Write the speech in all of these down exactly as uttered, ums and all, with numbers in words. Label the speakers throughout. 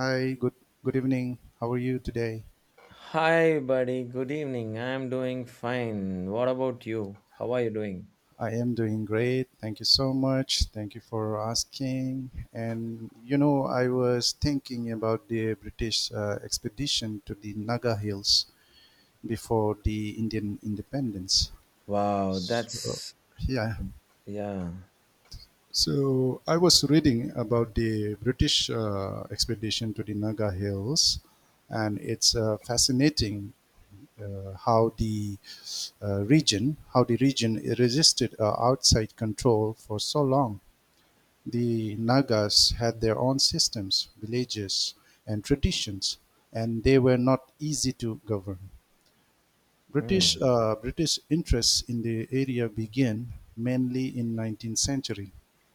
Speaker 1: Hi, good good evening. How are you today?
Speaker 2: Hi, buddy. Good evening. I'm doing fine. What about you? How are you doing?
Speaker 1: I am doing great. Thank you so much. Thank you for asking. And you know, I was thinking about the British uh, expedition to the Naga Hills before the Indian independence.
Speaker 2: Wow,
Speaker 1: So,
Speaker 2: that's
Speaker 1: yeah.
Speaker 2: yeah.
Speaker 1: So I was reading about the British uh, expedition to the Naga Hills, and it's uh, fascinating uh, how the uh, region how the region resisted uh, outside control for so long. The Nagas had their own systems, villages, and traditions, and they were not easy to govern. British
Speaker 2: Hmm.
Speaker 1: uh, British interests in the area began mainly in nineteenth century,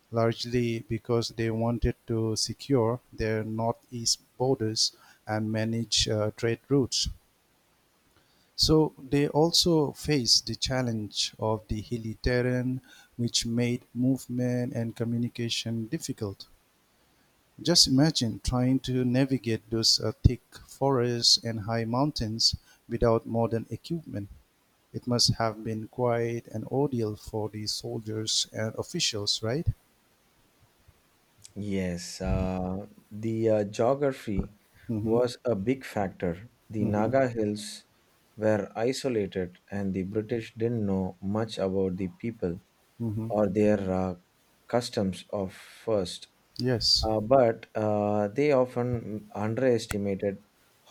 Speaker 1: largely because they wanted to secure their northeast borders and manage uh, trade routes. So they also faced the challenge of the hilly terrain, which made movement and communication difficult. Just imagine trying to navigate those uh, thick forests and high mountains without modern equipment. It must have been quite an ordeal for the soldiers and officials, right?
Speaker 2: Yes, uh, the uh, geography
Speaker 1: Mm-hmm.
Speaker 2: was a big factor. The
Speaker 1: Mm-hmm.
Speaker 2: Naga Hills were isolated, and the British didn't know much about the people
Speaker 1: Mm-hmm.
Speaker 2: or their uh, customs of first.
Speaker 1: Yes.
Speaker 2: Uh, but uh, they often underestimated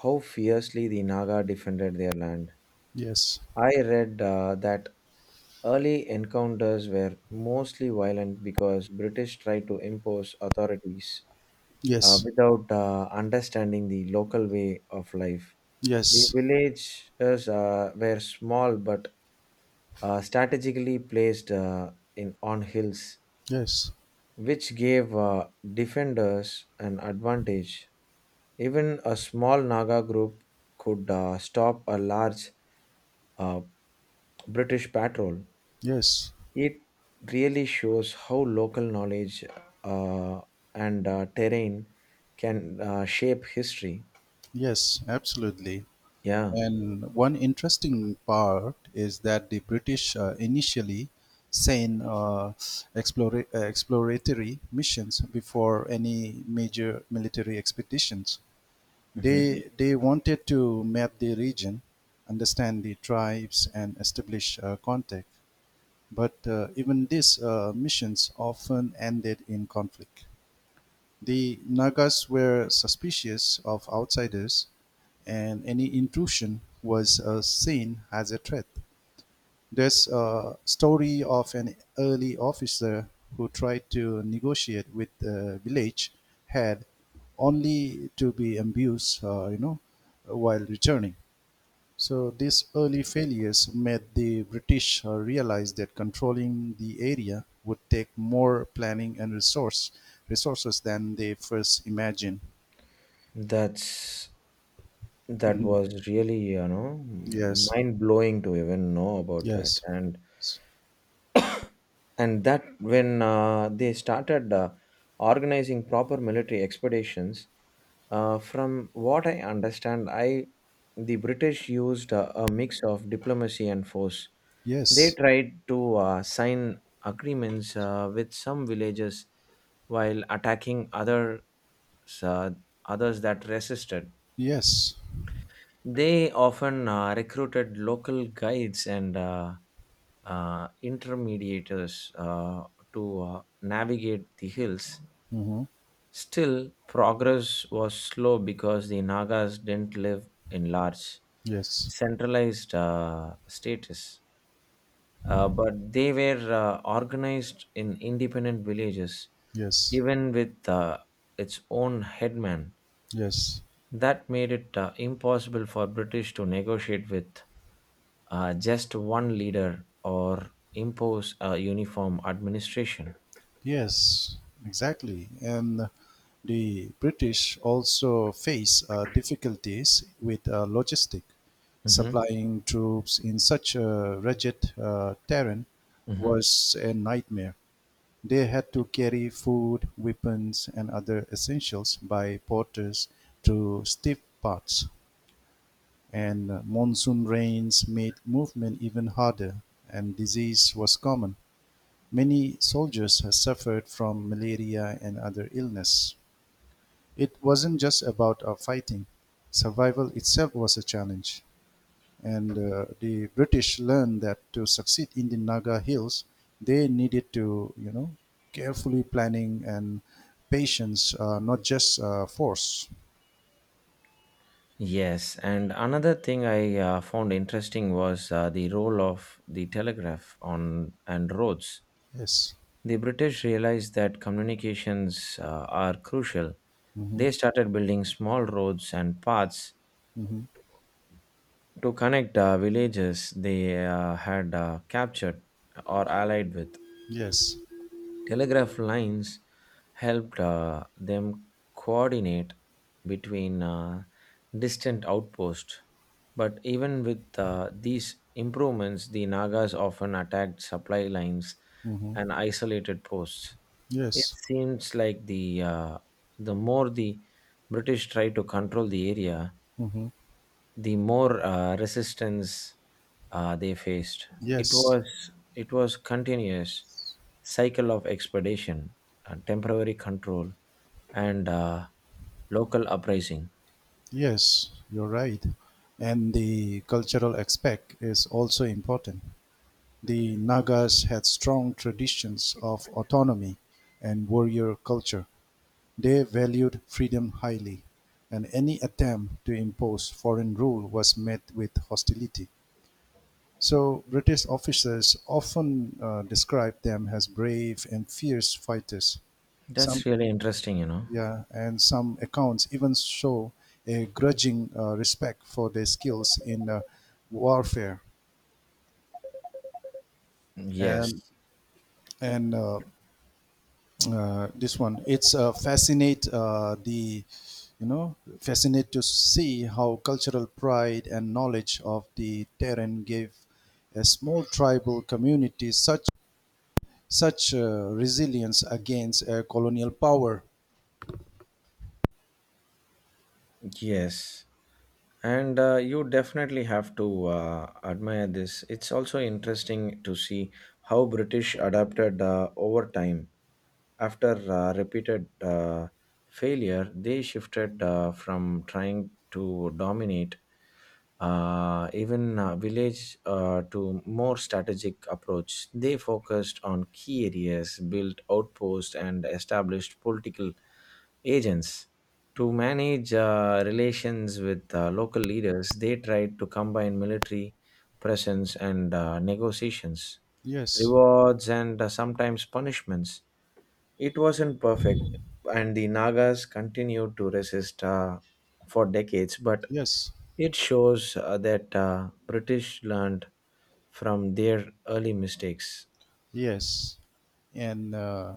Speaker 2: how fiercely the Naga defended their land.
Speaker 1: Yes.
Speaker 2: I read uh, that early encounters were mostly violent because British tried to impose authorities uh,
Speaker 1: Yes.
Speaker 2: without uh, understanding the local way of life. The
Speaker 1: Yes.
Speaker 2: villages uh, were small but uh, strategically placed uh, in on hills,
Speaker 1: Yes.
Speaker 2: which gave uh, defenders an advantage. Even a small Naga group could uh, stop a large uh, British patrol.
Speaker 1: Yes.
Speaker 2: It really shows how local knowledge uh, and uh, terrain can uh, shape history.
Speaker 1: Yes, absolutely.
Speaker 2: Yeah.
Speaker 1: And one interesting part is that the British uh, initially sent uh, explora- uh, exploratory missions before any major military expeditions.
Speaker 2: Mhm.
Speaker 1: They, they wanted to map the region, understand the tribes, and establish uh, contact. But uh, even these uh, missions often ended in conflict. The Nagas were suspicious of outsiders, and any intrusion was uh, seen as a threat. There's a story of an early officer who tried to negotiate with the village head only to be ambushed, uh, you know, while returning. So these early failures made the British uh, realize that controlling the area would take more planning and resource resources than they first imagined.
Speaker 2: that's that
Speaker 1: Mhm.
Speaker 2: was really you know
Speaker 1: Yes,
Speaker 2: mind blowing to even know about that,
Speaker 1: yes,
Speaker 2: and and that when uh, they started uh, organizing proper military expeditions. Uh, from what I understand, I the British used a, a mix of diplomacy and force. They
Speaker 1: yes,
Speaker 2: tried to uh, sign agreements uh, with some villages while attacking others uh, others that resisted.
Speaker 1: yes.
Speaker 2: They often uh, recruited local guides and uh, uh, intermediators uh, to uh, navigate the hills.
Speaker 1: Hmm.
Speaker 2: Still, progress was slow because the Nagas didn't live in large,
Speaker 1: Yes,
Speaker 2: centralized uh, status, uh, but they were uh, organized in independent villages,
Speaker 1: yes,
Speaker 2: even with uh, its own headman.
Speaker 1: yes.
Speaker 2: That made it uh, impossible for British to negotiate with uh, just one leader or impose a uniform administration.
Speaker 1: Yes, exactly. And the British also face uh, difficulties with uh, logistic.
Speaker 2: Hmm.
Speaker 1: Supplying troops in such a rugged uh, terrain
Speaker 2: Hmm.
Speaker 1: was a nightmare. They had to carry food, weapons, and other essentials by porters through steep paths. And monsoon rains made movement even harder, and disease was common. Many soldiers have suffered from malaria and other illness. It wasn't just about our fighting. Survival itself was a challenge. And uh, the British learned that to succeed in the Naga Hills, they needed to, you know, carefully planning and patience, uh, not just uh, force.
Speaker 2: Yes, and another thing I uh, found interesting was uh, the role of the telegraph on and roads.
Speaker 1: Yes.
Speaker 2: The British realized that communications uh, are crucial.
Speaker 1: Mm-hmm.
Speaker 2: They started building small roads and paths
Speaker 1: Mm-hmm.
Speaker 2: to connect uh, villages they uh, had uh, captured or allied with.
Speaker 1: Yes.
Speaker 2: Telegraph lines helped uh, them coordinate between uh, distant outposts. But even with uh, these improvements, the Nagas often attacked supply lines
Speaker 1: Mm-hmm.
Speaker 2: and isolated posts. It
Speaker 1: Yes.
Speaker 2: seems like the uh, the more the British try to control the area,
Speaker 1: Mm-hmm.
Speaker 2: the more uh, resistance uh, they faced. It
Speaker 1: Yes.
Speaker 2: was it was continuous cycle of expedition, uh, temporary control, and uh, local uprising.
Speaker 1: Yes, you're right. And the cultural aspect is also important. The Nagas had strong traditions of autonomy and warrior culture. They valued freedom highly, and any attempt to impose foreign rule was met with hostility. So, British officers often uh, describe them as brave and fierce fighters.
Speaker 2: That's
Speaker 1: Some
Speaker 2: really interesting, you know.
Speaker 1: yeah, and some accounts even show a grudging uh, respect for their skills in uh, warfare. And
Speaker 2: Yes.
Speaker 1: and uh, uh, this one, it's uh, fascinate uh, the, you know, fascinate to see how cultural pride and knowledge of the terrain gave a small tribal community such such uh, resilience against uh, colonial power.
Speaker 2: Yes. And uh, you definitely have to uh, admire this. It's also interesting to see how British adapted uh, over time. After uh, repeated uh, failure, they shifted uh, from trying to dominate uh, even uh, village uh, to more strategic approach. They focused on key areas, built outposts, and established political agents to manage uh, relations with uh, local leaders. They tried to combine military presence and uh, negotiations,
Speaker 1: Yes,
Speaker 2: rewards, and uh, sometimes punishments. It wasn't perfect, and the Nagas continued to resist uh, for decades, but
Speaker 1: yes,
Speaker 2: it shows uh, that uh, British learned from their early mistakes.
Speaker 1: yes, and. Uh,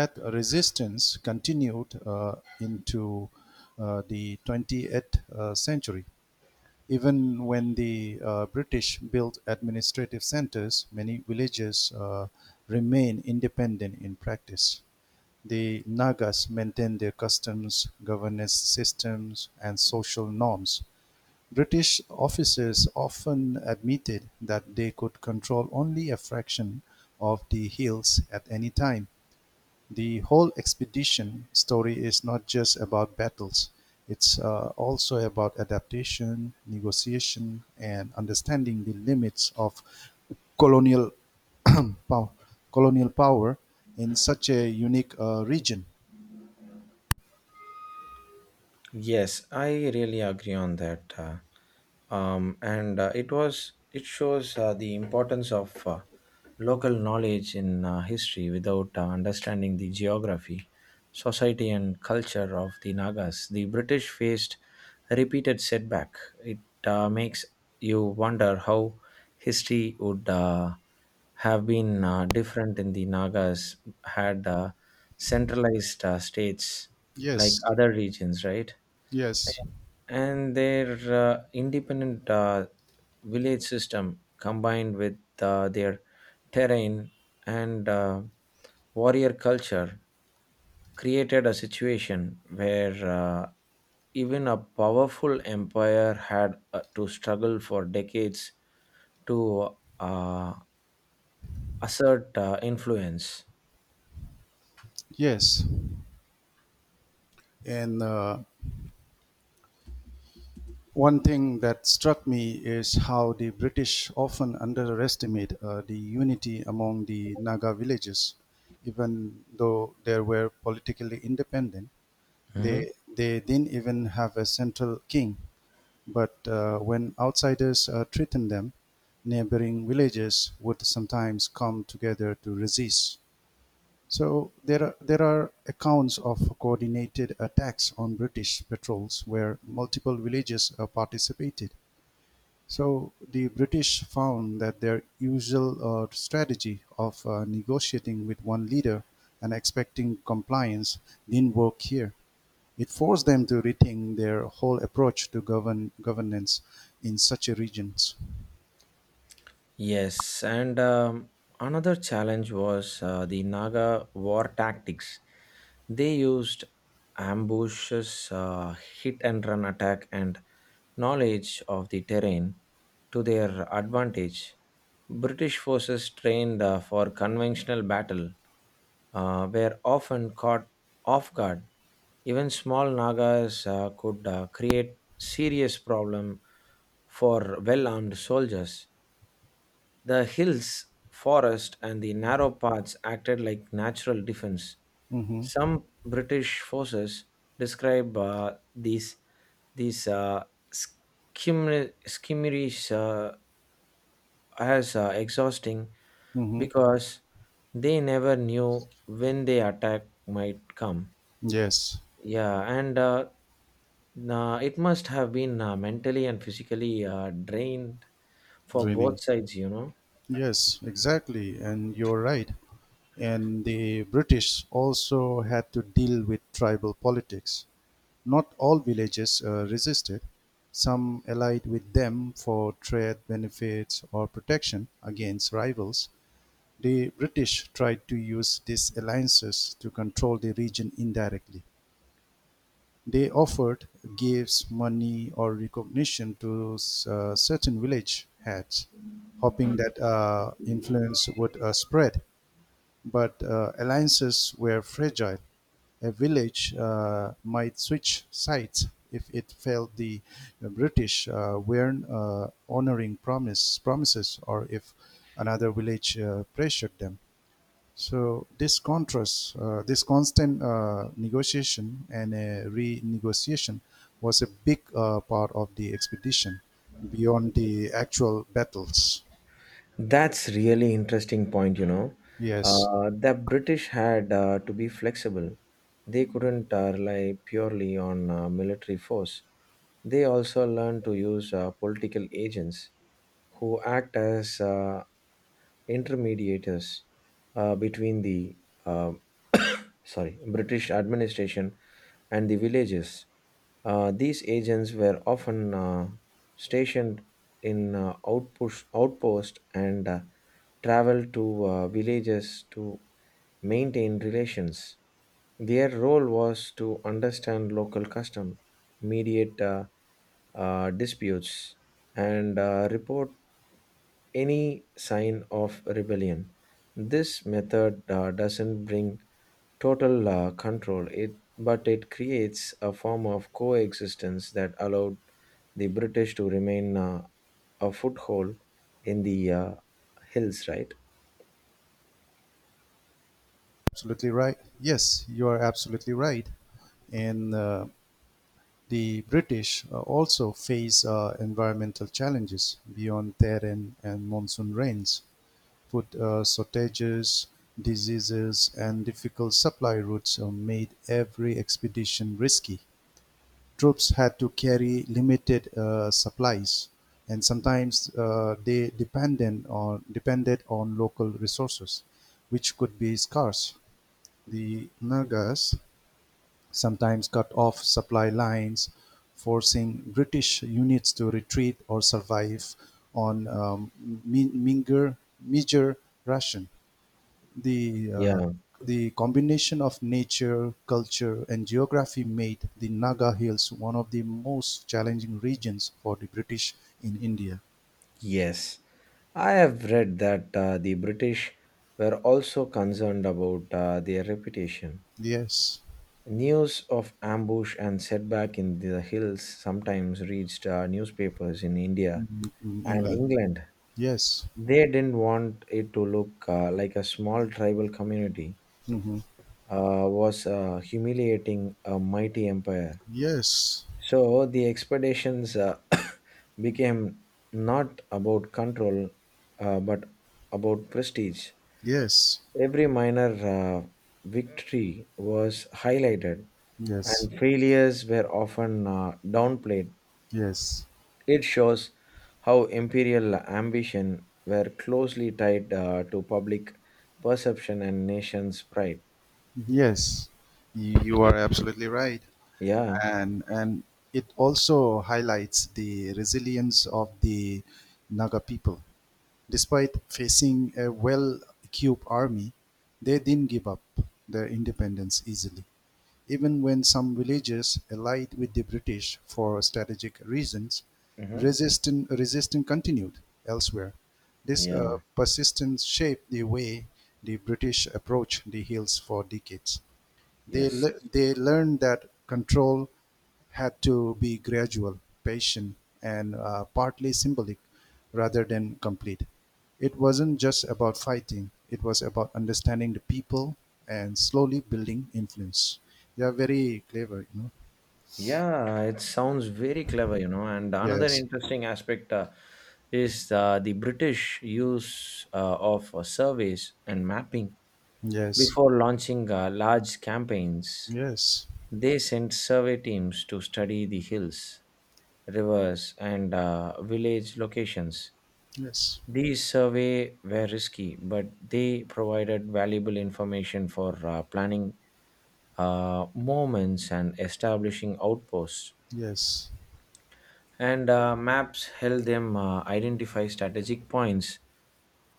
Speaker 1: That resistance continued uh, into uh, the twentieth uh, century. Even when the uh, British built administrative centers, many villages uh, remain independent in practice. The Nagas maintain their customs, governance systems, and social norms. British officers often admitted that they could control only a fraction of the hills at any time. The whole expedition story is not just about battles, it's uh, also about adaptation, negotiation, and understanding the limits of colonial power, colonial power in such a unique uh, region.
Speaker 2: Yes, I really agree on that. Uh, um, and uh, It was it shows uh, the importance of uh, local knowledge in uh, history. Without uh, understanding the geography, society and culture of the Nagas, the British faced a repeated setback. It uh, makes you wonder how history would uh, have been uh, different in the Nagas had uh, centralized uh, states like
Speaker 1: Yes,
Speaker 2: other regions, right?
Speaker 1: yes,
Speaker 2: And their uh, independent uh, village system combined with uh, their terrain and uh, warrior culture created a situation where uh, even a powerful empire had uh, to struggle for decades to uh, assert uh, influence.
Speaker 1: yes. And uh, One thing that struck me is how the British often underestimate uh, the unity among the Naga villages. Even though they were politically independent,
Speaker 2: Mhm.
Speaker 1: they, they didn't even have a central king. But uh, when outsiders uh, threatened them, neighboring villages would sometimes come together to resist. So there are, there are accounts of coordinated attacks on British patrols where multiple villages uh, participated. So the British found that their usual uh, strategy of uh, negotiating with one leader and expecting compliance didn't work here. It forced them to rethink their whole approach to govern governance in such a regions.
Speaker 2: Yes, and um, another challenge was uh, the Naga war tactics. They used ambushes, uh, hit and run attack, and knowledge of the terrain to their advantage. British forces trained uh, for conventional battle uh, were often caught off guard. Even small Nagas uh, could uh, create serious problem for well-armed soldiers. The hills, forest, and the narrow paths acted like natural defense.
Speaker 1: Mm-hmm.
Speaker 2: Some British forces describe uh, these these uh, skimmer- skirmishes uh, as uh, exhausting
Speaker 1: Mm-hmm.
Speaker 2: because they never knew when the attack might come.
Speaker 1: Yes,
Speaker 2: Yeah, and uh, nah, it must have been uh, mentally and physically uh, drained for
Speaker 1: draining.
Speaker 2: both sides, you know.
Speaker 1: Yes, exactly, and you're right. And the British also had to deal with tribal politics. Not all villages uh, resisted; some allied with them for trade benefits or protection against rivals. The British tried to use these alliances to control the region indirectly. They offered gifts, money, or recognition to uh, certain village heads, hoping that uh, influence would uh, spread. But uh, alliances were fragile. A village uh, might switch sides if it felt the uh, British uh, weren't uh, honoring promise, promises or if another village uh, pressured them. So this contrast, uh, this constant uh, negotiation and a renegotiation was a big uh, part of the expedition beyond the actual battles.
Speaker 2: That's really interesting point, you know.
Speaker 1: Yes,
Speaker 2: Uh, the British had uh, to be flexible. They couldn't uh, rely purely on uh, military force. They also learned to use uh, political agents who act as uh, intermediators uh, between the uh, sorry, British administration and the villages. Uh, these agents were often uh, stationed in uh, outpost, outpost and uh, travel to uh, villages to maintain relations. Their role was to understand local custom, mediate uh, uh, disputes, and uh, report any sign of rebellion. This method uh, doesn't bring total uh, control, it, but it creates a form of coexistence that allowed the British to remain uh, a foothold in the uh, hills, right?
Speaker 1: absolutely right. Yes, you are absolutely right. And uh, the British uh, also face uh, environmental challenges beyond terrain and monsoon rains. Food uh, shortages, diseases, and difficult supply routes uh, made every expedition risky. Troops had to carry limited uh, supplies, and sometimes uh, they depended on depended on local resources, which could be scarce. The Nagas sometimes cut off supply lines, forcing British units to retreat or survive on um, mi- meager, meager ration. The
Speaker 2: Yeah,
Speaker 1: uh, the combination of nature, culture, and geography made the Naga Hills one of the most challenging regions for the British in India.
Speaker 2: yes. I have read that uh, the British were also concerned about uh, their reputation.
Speaker 1: Yes.
Speaker 2: News of ambush and setback in the hills sometimes reached uh, newspapers in India
Speaker 1: Mhm, in
Speaker 2: and
Speaker 1: England.
Speaker 2: England.
Speaker 1: Yes.
Speaker 2: They didn't want it to look uh, like a small tribal community
Speaker 1: Hmm.
Speaker 2: uh, was uh, humiliating a mighty empire.
Speaker 1: Yes.
Speaker 2: So the expeditions uh, became not about control uh, but about prestige.
Speaker 1: Yes.
Speaker 2: Every minor uh, victory was highlighted,
Speaker 1: Yes.
Speaker 2: and failures were often uh, downplayed.
Speaker 1: Yes.
Speaker 2: It shows how imperial ambition were closely tied uh, to public perception and nation's pride.
Speaker 1: Yes. You you are absolutely right.
Speaker 2: Yeah.
Speaker 1: and and it also highlights the resilience of the Naga people. Despite facing a well-equipped army, they didn't give up their independence easily. Even when some villages allied with the British for strategic reasons,
Speaker 2: Hmm.
Speaker 1: resistance, resistance continued elsewhere. This uh,
Speaker 2: Yeah.
Speaker 1: persistence shaped the way the British approached the hills for decades. They,
Speaker 2: Yes.
Speaker 1: le- they learned that control had to be gradual, patient, and uh, partly symbolic rather than complete. It wasn't just about fighting, it was about understanding the people and slowly building influence. They are very clever, you know.
Speaker 2: Yeah, it sounds very clever, you know. And another
Speaker 1: Yes,
Speaker 2: interesting aspect uh, is uh, the British use uh, of uh, surveys and mapping.
Speaker 1: yes,
Speaker 2: Before launching uh, large campaigns,
Speaker 1: yes,
Speaker 2: they sent survey teams to study the hills, rivers, and uh, village locations.
Speaker 1: yes,
Speaker 2: These surveys were risky, but they provided valuable information for uh, planning uh, movements and establishing outposts.
Speaker 1: yes,
Speaker 2: And uh, maps helped them uh, identify strategic points.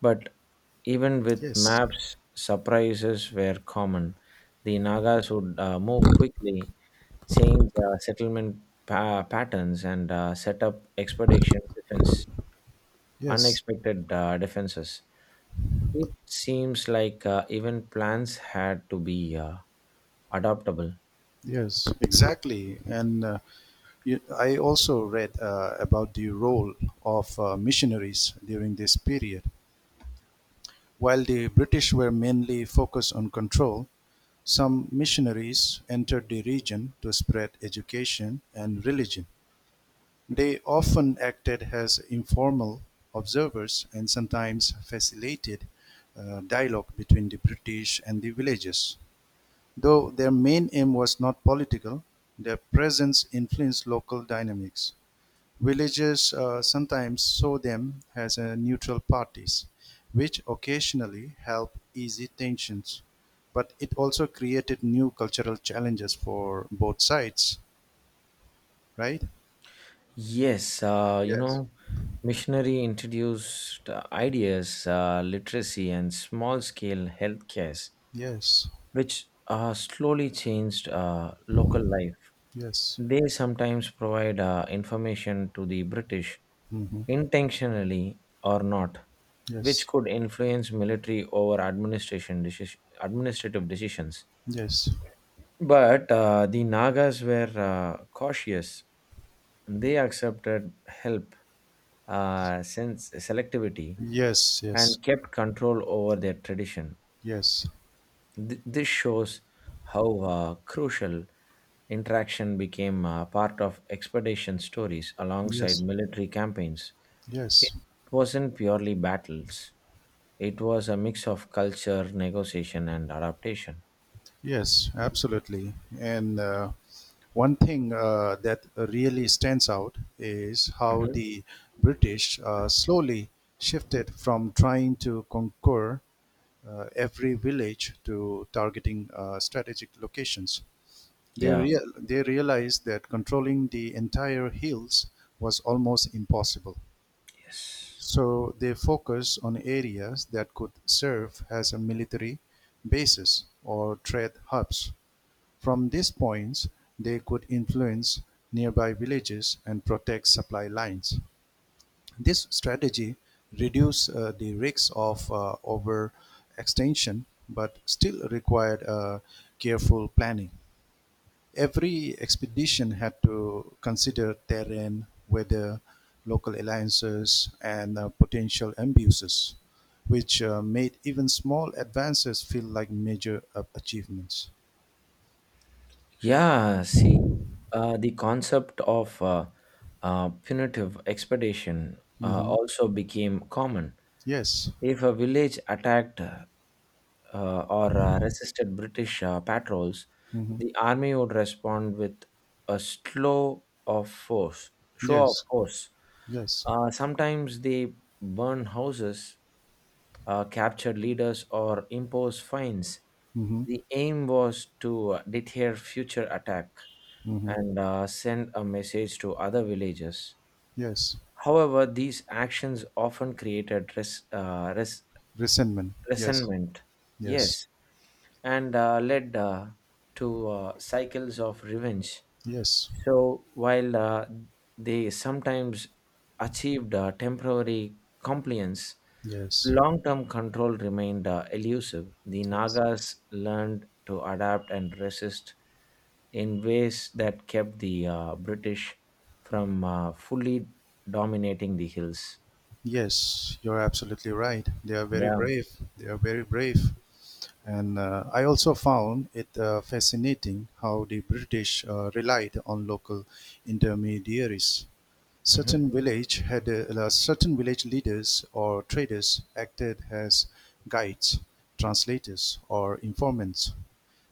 Speaker 2: But even with
Speaker 1: yes,
Speaker 2: maps, surprises were common. The Nagas would uh, move quickly, change uh, settlement pa- patterns, and uh, set up expedition defense,
Speaker 1: yes,
Speaker 2: unexpected uh, defenses. It seems like uh, even plans had to be uh, adaptable.
Speaker 1: yes, exactly. And uh, You- I also read uh, about the role of uh, missionaries during this period. While the British were mainly focused on control, some missionaries entered the region to spread education and religion. They often acted as informal observers and sometimes facilitated uh, dialogue between the British and the villagers. Though their main aim was not political, their presence influenced local dynamics. Villagers uh, sometimes saw them as uh, neutral parties, which occasionally helped ease tensions. But it also created new cultural challenges for both sides, right?
Speaker 2: Yes, uh, you
Speaker 1: Yes.
Speaker 2: know, missionary introduced uh, ideas, uh, literacy, and small scale healthcare,
Speaker 1: Yes,
Speaker 2: which uh, slowly changed uh, local life.
Speaker 1: yes,
Speaker 2: They sometimes provide uh, information to the British,
Speaker 1: mm-hmm,
Speaker 2: intentionally or not, which
Speaker 1: yes,
Speaker 2: could influence military over administration deci- administrative decisions.
Speaker 1: yes,
Speaker 2: But uh, the Nagas were uh, cautious. They accepted help, uh, sense selectivity,
Speaker 1: yes, yes,
Speaker 2: and kept control over their tradition.
Speaker 1: yes,
Speaker 2: Th- this shows how uh, crucial interaction became uh, part of expedition stories alongside
Speaker 1: yes,
Speaker 2: military campaigns. It
Speaker 1: yes,
Speaker 2: wasn't purely battles, it was a mix of culture, negotiation, and adaptation.
Speaker 1: yes, absolutely. And uh, One thing uh, that really stands out is how
Speaker 2: Mhm.
Speaker 1: the British uh, slowly shifted from trying to conquer uh, every village to targeting uh, strategic locations. They,
Speaker 2: Yeah,
Speaker 1: real they realized that controlling the entire hills was almost impossible.
Speaker 2: yes.
Speaker 1: So they focused on areas that could serve as a military bases or trade hubs. From these points they could influence nearby villages and protect supply lines. This strategy reduced uh, the risks of uh, overextension, but still required uh, careful planning. Every expedition had to consider terrain, weather, local alliances, and uh, potential abuses, which uh, made even small advances feel like major uh, achievements.
Speaker 2: Yeah, see, uh, the concept of uh, uh, punitive expedition uh,
Speaker 1: Mhm.
Speaker 2: also became common.
Speaker 1: Yes.
Speaker 2: If a village attacked uh, or uh, resisted British uh, patrols,
Speaker 1: Mhm.
Speaker 2: the army would respond with a slow of force, show of
Speaker 1: Yes.
Speaker 2: force.
Speaker 1: Yes.
Speaker 2: Uh, sometimes they burn houses, uh, capture leaders, or impose fines.
Speaker 1: Mm-hmm.
Speaker 2: The aim was to uh, deter future attack
Speaker 1: Mm-hmm.
Speaker 2: and uh, send a message to other villages.
Speaker 1: Yes.
Speaker 2: However, these actions often created res- uh, res-
Speaker 1: Resentment. Yes.
Speaker 2: resentment,
Speaker 1: Yes.
Speaker 2: yes, and uh, led uh, to uh, cycles of revenge.
Speaker 1: Yes.
Speaker 2: So, while uh, they sometimes achieved uh, temporary compliance,
Speaker 1: Yes.
Speaker 2: long term control remained uh, elusive. The
Speaker 1: Yes.
Speaker 2: Nagas learned to adapt and resist in ways that kept the uh, British from uh, fully dominating the hills.
Speaker 1: Yes, you're absolutely right. They are very
Speaker 2: Yeah.
Speaker 1: brave. They are very brave. And uh, I also found it uh, fascinating how the British uh, relied on local intermediaries.
Speaker 2: Hmm.
Speaker 1: Certain village had uh, certain village leaders or traders acted as guides, translators, or informants.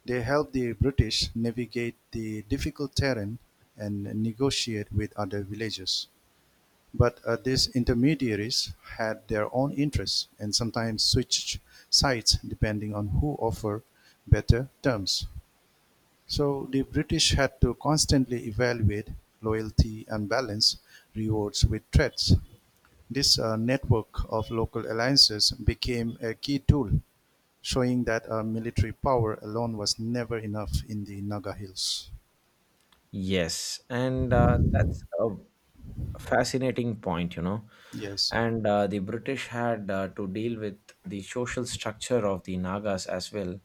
Speaker 1: They helped the British navigate the difficult terrain and negotiate with other villages. But uh, these intermediaries had their own interests and sometimes switched sides depending on who offered better terms. So the British had to constantly evaluate loyalty and balance rewards with threats. This uh, network of local alliances became a key tool, showing that uh, military power alone was never enough in the Naga Hills.
Speaker 2: Yes, and uh, that's a fascinating point, you know.
Speaker 1: Yes.
Speaker 2: And uh, the British had uh, to deal with the social structure of the Nagas as well.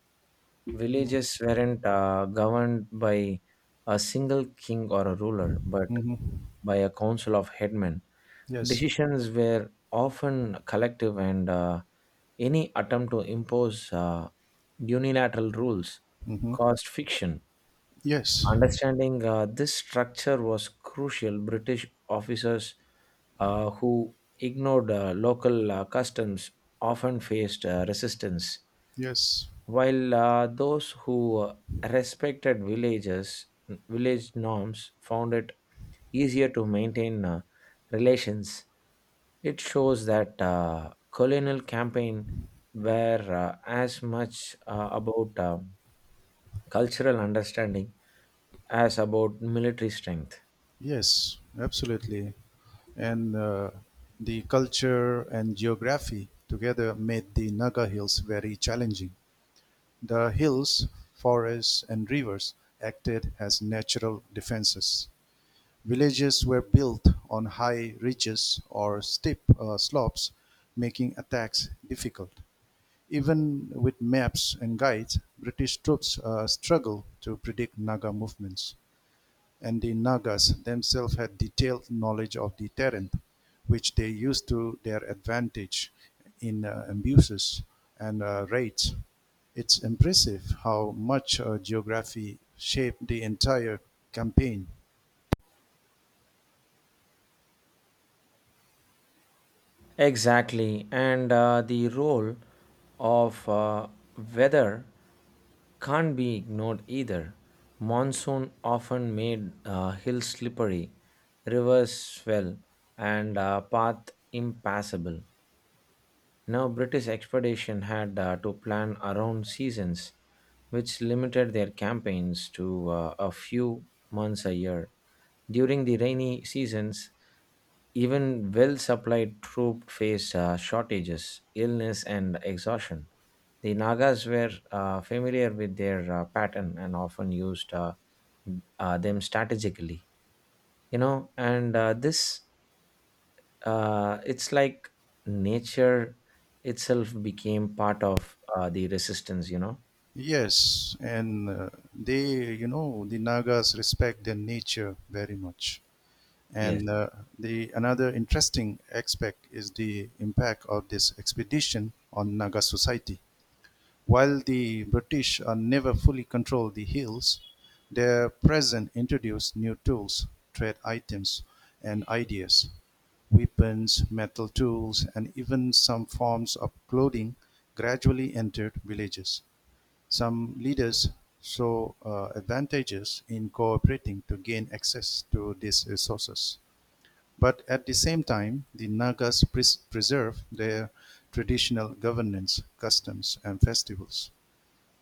Speaker 2: Villages weren't uh, governed by a single king or a ruler, but
Speaker 1: Mm-hmm.
Speaker 2: by a council of headmen.
Speaker 1: Yes.
Speaker 2: Decisions were often collective, and uh, any attempt to impose uh, unilateral rules
Speaker 1: Mm-hmm.
Speaker 2: caused friction.
Speaker 1: Yes.
Speaker 2: Understanding uh, this structure was crucial. British officers uh, who ignored uh, local uh, customs often faced uh, resistance,
Speaker 1: Yes.
Speaker 2: while uh, those who uh, respected villages village norms found it easier to maintain uh, relations. It shows that uh, colonial campaign were uh, as much uh, about uh, cultural understanding as about military strength.
Speaker 1: Yes, absolutely. And uh, the culture and geography together made the Naga Hills very challenging. The hills, forests and rivers acted as natural defences; villages were built on high ridges or steep uh, slopes, making attacks difficult. Even with maps and guides, British troops uh, struggled to predict Naga movements, and the Nagas themselves had detailed knowledge of the terrain, which they used to their advantage in uh, abuses and uh, raids. It's impressive how much uh, geography shaped the entire campaign.
Speaker 2: Exactly, and uh, the role of uh, weather can't be ignored either. Monsoon often made uh, hills slippery, rivers swell, and uh, path impassable. Now, British expedition had uh, to plan around seasons, which limited their campaigns to uh, a few months a year. During the rainy seasons, even well supplied troops faced uh, shortages, illness, and exhaustion. The Nagas were uh, familiar with their uh, pattern and often used uh, uh, them strategically. You know, and uh, this uh, it's like nature itself became part of uh, the resistance, you know.
Speaker 1: Yes, and uh, they, you know, the Nagas respect their nature very much.
Speaker 2: Yes.
Speaker 1: And uh, the another interesting aspect is the impact of this expedition on Naga society. While the British are never fully control the hills, their presence introduced new tools, trade items, and ideas. Weapons, metal tools, and even some forms of clothing gradually entered villages. Some leaders saw uh, advantages in cooperating to gain access to these resources. But at the same time, the Nagas pres- preserve their traditional governance, customs, and festivals.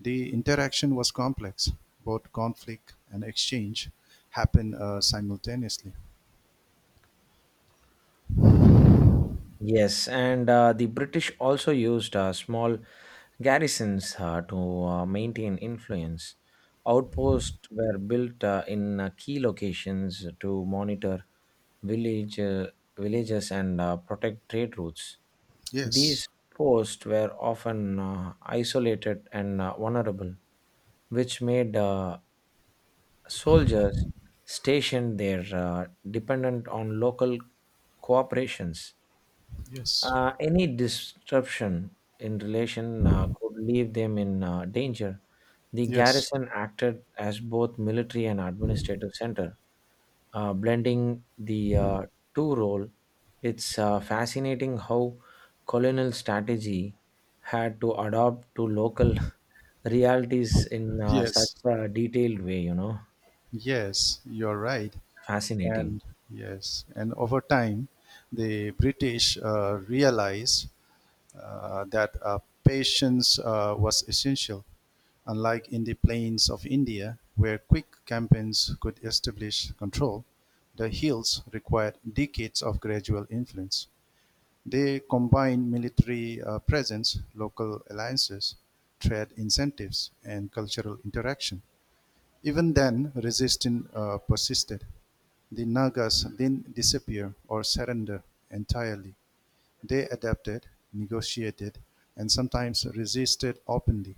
Speaker 1: The interaction was complex; both conflict and exchange happened uh, simultaneously.
Speaker 2: Yes, and uh, the british also used uh, small garrisons uh, to uh, maintain influence. Outposts were built uh, in uh, key locations to monitor village uh, villages and uh, protect trade routes.
Speaker 1: Yes,
Speaker 2: These posts were often uh, isolated and uh, vulnerable, which made uh, soldiers stationed there uh, dependent on local cooperations.
Speaker 1: yes,
Speaker 2: Uh, any disruption in relation uh, could leave them in uh, danger. The
Speaker 1: yes,
Speaker 2: garrison acted as both military and administrative center, uh, blending the uh, two role. It's uh, fascinating how colonial strategy had to adopt to local realities in uh, such
Speaker 1: yes,
Speaker 2: a detailed way. You know,
Speaker 1: yes, you're right.
Speaker 2: fascinating.
Speaker 1: And yes, and over time, the British uh, realized uh, that uh, patience uh, was essential, unlike in the plains of India, where quick campaigns could establish control. The hills required decades of gradual influence. They combine military uh, presence, local alliances, trade incentives, and cultural interaction. Even then, resistance uh, persisted. The Nagas didn't disappear or surrender entirely. They adapted, negotiated, and sometimes resisted openly.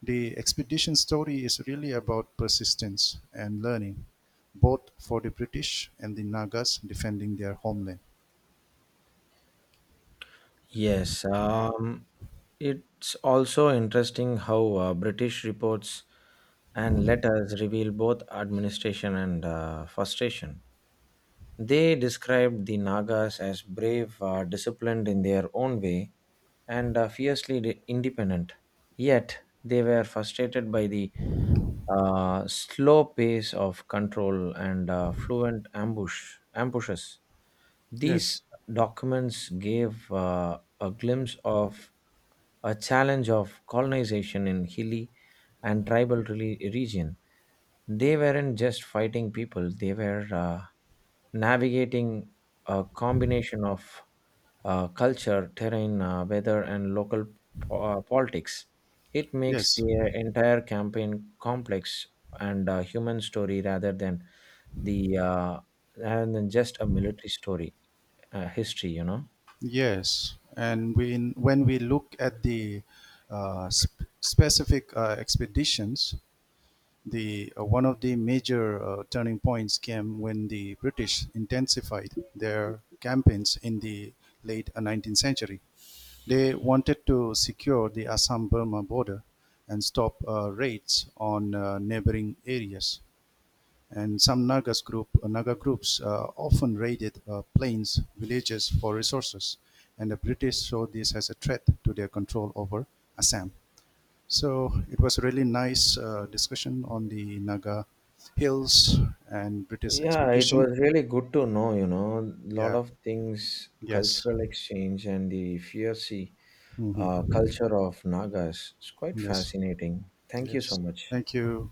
Speaker 1: The expedition story is really about persistence and learning, both for the British and the Nagas defending their homeland.
Speaker 2: Yes, um, it's also interesting how uh, British reports and letters reveal both administration and uh, frustration. They described the Nagas as brave, uh, disciplined in their own way, and uh, fiercely de- independent. Yet, they were frustrated by the uh, slow pace of control and uh, fluent ambush ambushes. These
Speaker 1: Yes,
Speaker 2: documents gave uh, a glimpse of a challenge of colonization in hilly and tribal reli- region. They weren't just fighting people; they were uh, navigating a combination of uh, culture, terrain, uh, weather, and local po- uh, politics. It makes
Speaker 1: yes.
Speaker 2: the entire campaign complex and a human story rather than the uh, rather than just a military story, uh, history, you know.
Speaker 1: Yes, and when when we look at the uh, sp- specific uh, expeditions, the uh, one of the major uh, turning points came when the British intensified their campaigns in the late uh, nineteenth century. They wanted to secure the Assam-Burma border and stop uh, raids on uh, neighboring areas. And some Nagas group, uh, Naga groups uh, often raided uh, plains, villages for resources. And the British saw this as a threat to their control over Assam. So it was a really nice uh, discussion on the Naga hills and British
Speaker 2: Yeah, it
Speaker 1: expedition.
Speaker 2: was really good to know, you know, a lot
Speaker 1: Yeah.
Speaker 2: of things,
Speaker 1: Yes.
Speaker 2: cultural exchange and the fierce uh,
Speaker 1: Hmm.
Speaker 2: culture of Nagas. It's quite
Speaker 1: Yes.
Speaker 2: fascinating. Thank you so
Speaker 1: Yes.
Speaker 2: much.
Speaker 1: Thank you.